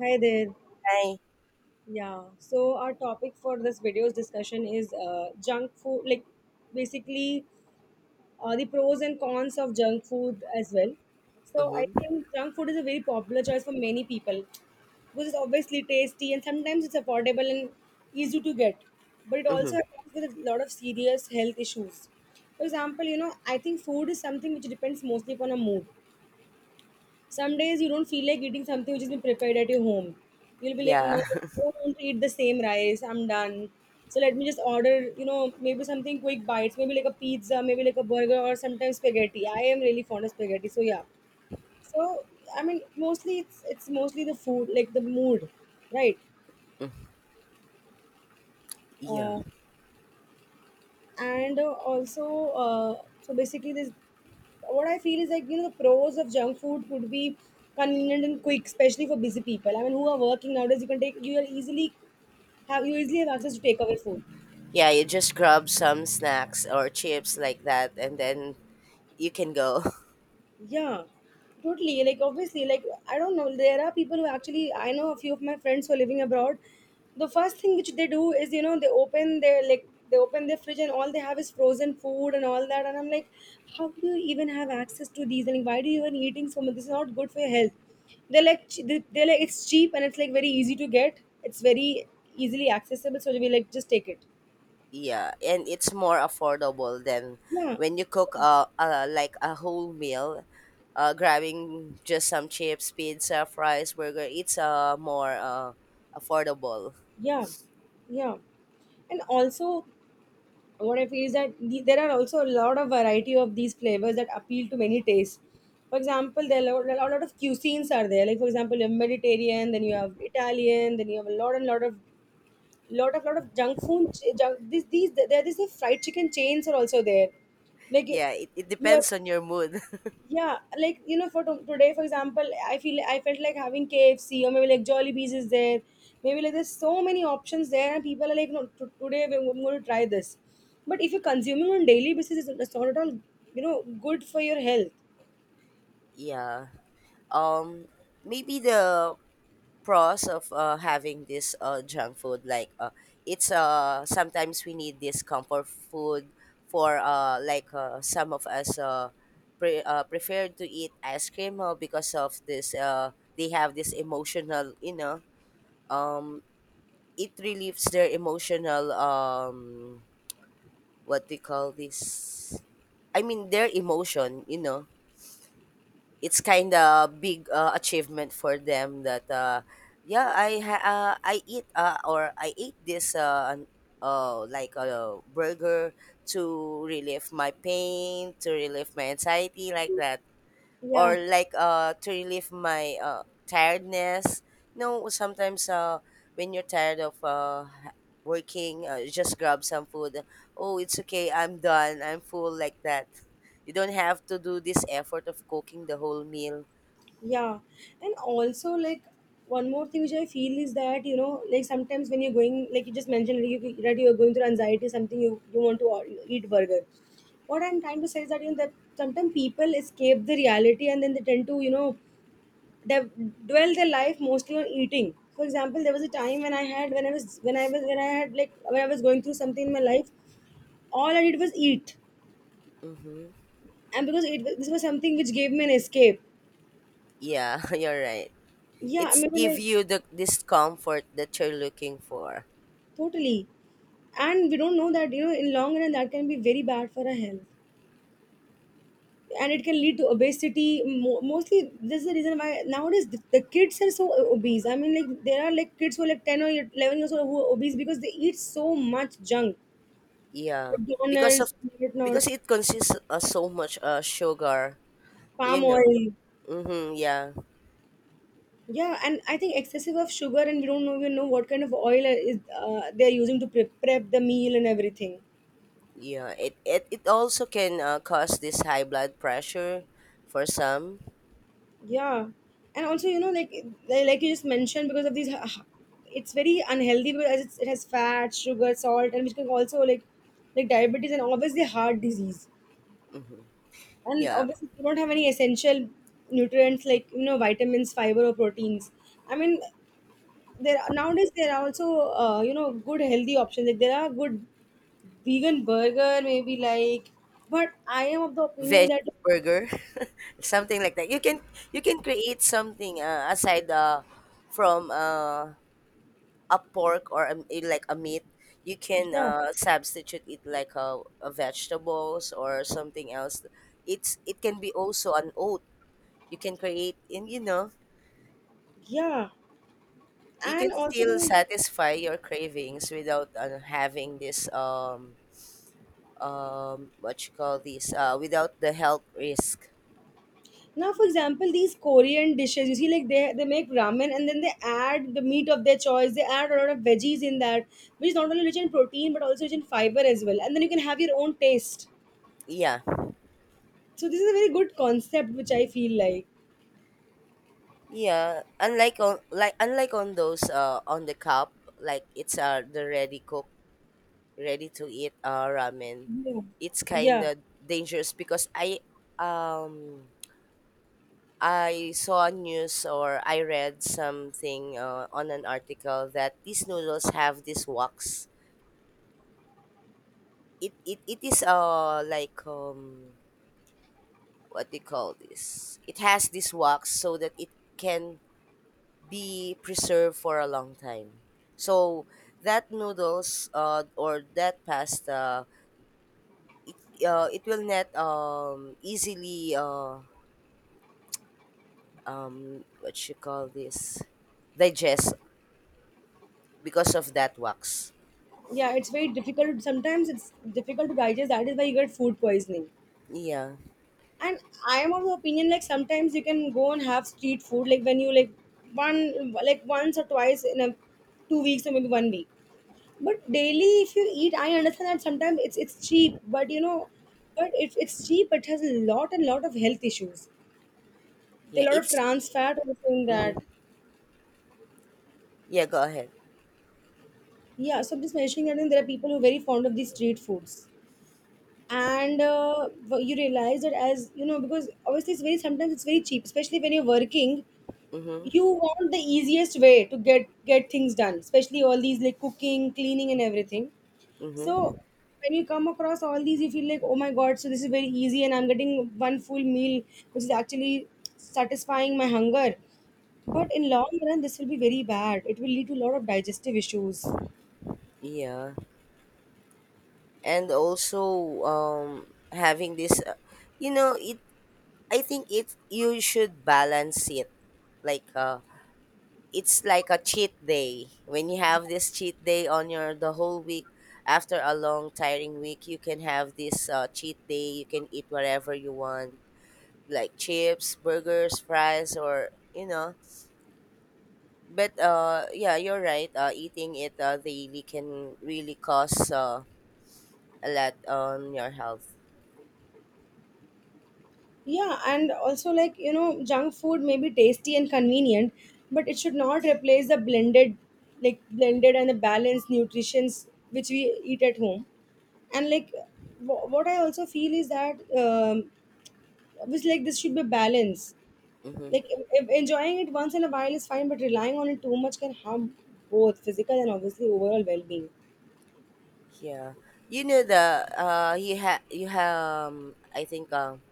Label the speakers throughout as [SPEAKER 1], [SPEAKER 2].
[SPEAKER 1] Hi there.
[SPEAKER 2] I.
[SPEAKER 1] Yeah. So our topic for this video's discussion is junk food, like basically, the pros and cons of junk food as well. So I
[SPEAKER 2] Mhm.
[SPEAKER 1] think junk food is a very popular choice for many people because it's obviously tasty, and sometimes it's affordable and easy to get, but it also
[SPEAKER 2] Mhm.
[SPEAKER 1] comes with a lot of serious health issues. For example, you know, I think food is something which depends mostly upon a mood. Some days you don't feel like eating something which has been prepared at your home. You'll be like, no,
[SPEAKER 2] Yeah.
[SPEAKER 1] I don't want to eat the same rice. I'm done. So let me just order, you know, maybe something quick bites, maybe like a pizza, maybe like a burger, or sometimes spaghetti. I am really fond of spaghetti. So yeah. So I mean, mostly it's mostly the food, like the mood, right?
[SPEAKER 2] Yeah.
[SPEAKER 1] Uh, and also, so basically, this what I feel is, like, you know, the pros of junk food could be convenient and quick, especially for busy people. I mean, who are working nowadays, you can take, you are easily have, you easily have access to takeaway food.
[SPEAKER 2] Yeah, you just grab some snacks or chips like that and then you can go.
[SPEAKER 1] Yeah, totally. Like obviously, like I don't know. There are people who actually, I know a few of my friends who are living abroad. The first thing which they do is, you know, they open their, like, they open their fridge, and all they have is frozen food and all that. And I'm like, how do you even have access to these? And like, why do you even eating so much? This is not good for your health. They're like, it's cheap, and it's like very easy to get. It's very easily accessible. So we like just take it.
[SPEAKER 2] Yeah, and it's more affordable than
[SPEAKER 1] Yeah,
[SPEAKER 2] when you cook a like a whole meal. Grabbing just some chips, pizza, fries, burger, it's more affordable.
[SPEAKER 1] yeah, yeah, yeah. And also, what I feel is that there are also a lot of variety of these flavors that appeal to many tastes. For example, there are a lot of cuisines are there. Like, for example, you have Mediterranean, then you have Italian, then you have a lot and lot of lot of lot of junk food. Ch- Junk, these There are these fried chicken chains are also there. Like you,
[SPEAKER 2] Yeah, it
[SPEAKER 1] you have,
[SPEAKER 2] depends on your mood.
[SPEAKER 1] yeah, like, you know, for to today, for example, I feel, I felt like having KFC, or maybe like Jollibees is there, maybe like there's so many options there, and people are like, no, I'm going to try this. But if you're consuming on daily basis, it's not at all, you know, good for your health.
[SPEAKER 2] Yeah. um Maybe the pros of having this junk food, like, it's sometimes we need this comfort food for like, some of us prefer to eat ice cream because of this they have this emotional, you know. um it relieves their emotional, what do you call this, I mean, their emotion, you know. It's kind of big achievement for them that, yeah, I eat, or I ate this, like a burger, to relieve my pain, to relieve my anxiety, like that.
[SPEAKER 1] Yeah.
[SPEAKER 2] Or like, to relieve my tiredness, you know. Sometimes when you're tired of working, just grab some food. Oh, it's okay, I'm done, I'm full, like that. You don't have to do this effort of cooking the whole meal.
[SPEAKER 1] Yeah, and also, like, one more thing which I feel is that, you know, like sometimes when you're going, like you just mentioned, like, that you're going through anxiety, something, you want to eat burger. What I'm trying to say is that, you know, that sometimes people escape the reality, and then they tend to, you know, they dwell their life mostly on eating. For example, there was a time when I had when I was when I was when I had like when I was going through something in my life, all I did was eat,
[SPEAKER 2] Mm-hmm.
[SPEAKER 1] and because this was something which gave me an escape.
[SPEAKER 2] Yeah. You're right.
[SPEAKER 1] Yeah,
[SPEAKER 2] It's
[SPEAKER 1] maybe
[SPEAKER 2] give
[SPEAKER 1] like,
[SPEAKER 2] you the this comfort that you're looking for.
[SPEAKER 1] totally. And we don't know that, you know, in long run that can be very bad for our health. And it can lead to obesity. Mostly, this is the reason why nowadays the kids are so obese. I mean, like, there are like kids who are like 10 or 11 years old who are obese because they eat so much junk.
[SPEAKER 2] Yeah. because
[SPEAKER 1] McDonald's,
[SPEAKER 2] of
[SPEAKER 1] whatnot,
[SPEAKER 2] because it consists of so much sugar, you
[SPEAKER 1] palm
[SPEAKER 2] know.
[SPEAKER 1] oil.
[SPEAKER 2] Mm-hmm, yeah.
[SPEAKER 1] Yeah, and I think excessive of sugar, and we don't know even know what kind of oil is, they're using to prep the meal and everything.
[SPEAKER 2] Yeah, it also can cause this high blood pressure for some.
[SPEAKER 1] Yeah, and also, you know, like like you just mentioned, because of these, it's very unhealthy because as it has fat, sugar, salt, and which can also, like diabetes, and obviously heart disease.
[SPEAKER 2] Hmm.
[SPEAKER 1] And
[SPEAKER 2] Yeah.
[SPEAKER 1] obviously you don't have any essential nutrients like, you know, vitamins, fiber, or proteins. I mean, there are, nowadays there are also, you know, good healthy options. Like there are good vegan burger, maybe like, but I am of the opinion
[SPEAKER 2] Veg
[SPEAKER 1] that
[SPEAKER 2] burger, something like that. You can create something aside from a pork or a like a meat. You can
[SPEAKER 1] yeah,
[SPEAKER 2] substitute it like a vegetables or something else. It can be also an oat. You can create, and you know
[SPEAKER 1] yeah,
[SPEAKER 2] you
[SPEAKER 1] and
[SPEAKER 2] can
[SPEAKER 1] also,
[SPEAKER 2] still satisfy your cravings without having this what you call this, without the health risk.
[SPEAKER 1] now, for example, these Korean dishes, you see, like they make ramen, and then they add the meat of their choice. They add a lot of veggies in that, which is not only rich in protein but also rich in fiber as well. And then you can have your own taste.
[SPEAKER 2] Yeah.
[SPEAKER 1] So this is a very good concept, which I feel like.
[SPEAKER 2] Yeah, unlike on those on the cup, like, it's the ready cook, ready to eat ramen.
[SPEAKER 1] Yeah.
[SPEAKER 2] It's kind
[SPEAKER 1] Yeah.
[SPEAKER 2] of dangerous because um I saw news, or I read something on an article, that these noodles have this wax. It is like, what do you call this? It has this wax so that it can be preserved for a long time. So that noodles, or that pasta, it will not easily, what you call this, digest, because of that wax.
[SPEAKER 1] Yeah, it's very difficult. Sometimes it's difficult to digest. That is why you get food poisoning.
[SPEAKER 2] Yeah,
[SPEAKER 1] And I am of the opinion, like, sometimes you can go and have street food, like when you like one, like once or twice in a 2 weeks, or maybe one week. But daily, if you eat, I understand that sometimes it's cheap, but you know, but if it's cheap, it has a lot and lot of health issues. There are
[SPEAKER 2] yeah,
[SPEAKER 1] a lot of
[SPEAKER 2] it's
[SPEAKER 1] trans fat also in that.
[SPEAKER 2] mm-hmm. Yeah. Go ahead.
[SPEAKER 1] Yeah, so I'm just mentioning that, and there are people who are very fond of these street foods, and you realize that, as you know, because obviously it's very, sometimes it's very cheap, especially when you're working.
[SPEAKER 2] Mm-hmm.
[SPEAKER 1] You want the easiest way to get things done, especially all these, like cooking, cleaning, and everything.
[SPEAKER 2] Mm-hmm.
[SPEAKER 1] So when you come across all these, you feel like, oh my god, so this is very easy, and I'm getting one full meal, which is actually satisfying my hunger. But in long run, this will be very bad. It will lead to a lot of digestive issues.
[SPEAKER 2] Yeah, and also having this, you know, it I think it you should balance it. Like, it's like a cheat day. When you have this cheat day on your the whole week, after a long tiring week, you can have this cheat day. You can eat whatever you want, like chips, burgers, fries, or you know. But yeah, you're right. Eating it daily can really cause a lot on your health.
[SPEAKER 1] Yeah, and also like, you know, junk food may be tasty and convenient, but it should not replace the blended, like blended and the balanced nutritions which we eat at home. And like, what I also feel is that, um obviously, like, this should be balance.
[SPEAKER 2] Mhm.
[SPEAKER 1] Like enjoying it once in a while is fine, but relying on it too much can harm both physical and obviously overall well-being.
[SPEAKER 2] Yeah. You know the you have, I think,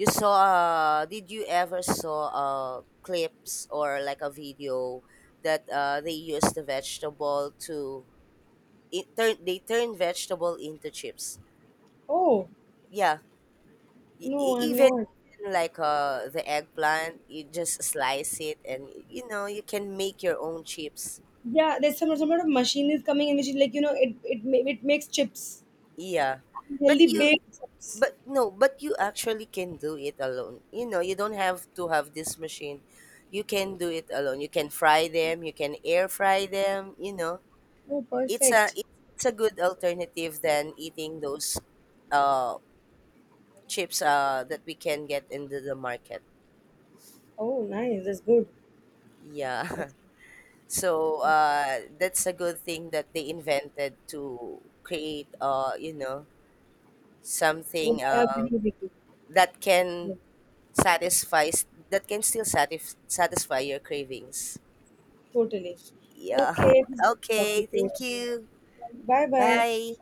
[SPEAKER 2] you saw, did you ever saw, clips or like a video, that they use the vegetable to it turn they turn vegetable into chips?
[SPEAKER 1] Oh
[SPEAKER 2] Yeah.
[SPEAKER 1] no, I'm
[SPEAKER 2] Even
[SPEAKER 1] not.
[SPEAKER 2] like, the eggplant, you just slice it and you know you can make your own chips.
[SPEAKER 1] Yeah, there's some sort of machine is coming in which is like, you know, it makes chips,
[SPEAKER 2] Yeah, but
[SPEAKER 1] healthy
[SPEAKER 2] you
[SPEAKER 1] baked chips.
[SPEAKER 2] but no, but you actually can do it alone. You know, you don't have to have this machine. You can do it alone. You can fry them, you can air fry them, you know.
[SPEAKER 1] Oh,
[SPEAKER 2] It's a
[SPEAKER 1] perfect.
[SPEAKER 2] it- it's a good alternative than eating those uh chips that we can get into the market.
[SPEAKER 1] Oh, nice. That's good.
[SPEAKER 2] Yeah.
[SPEAKER 1] That's
[SPEAKER 2] So that's a good thing that they invented, to create, you know,
[SPEAKER 1] good.
[SPEAKER 2] something
[SPEAKER 1] I agree with you.
[SPEAKER 2] that can
[SPEAKER 1] Yeah,
[SPEAKER 2] satisfies that can still satisf- satisfy your cravings.
[SPEAKER 1] totally.
[SPEAKER 2] Yeah.
[SPEAKER 1] Okay, it was good talking
[SPEAKER 2] Okay,
[SPEAKER 1] to you.
[SPEAKER 2] thank you.
[SPEAKER 1] Bye bye.
[SPEAKER 2] Bye.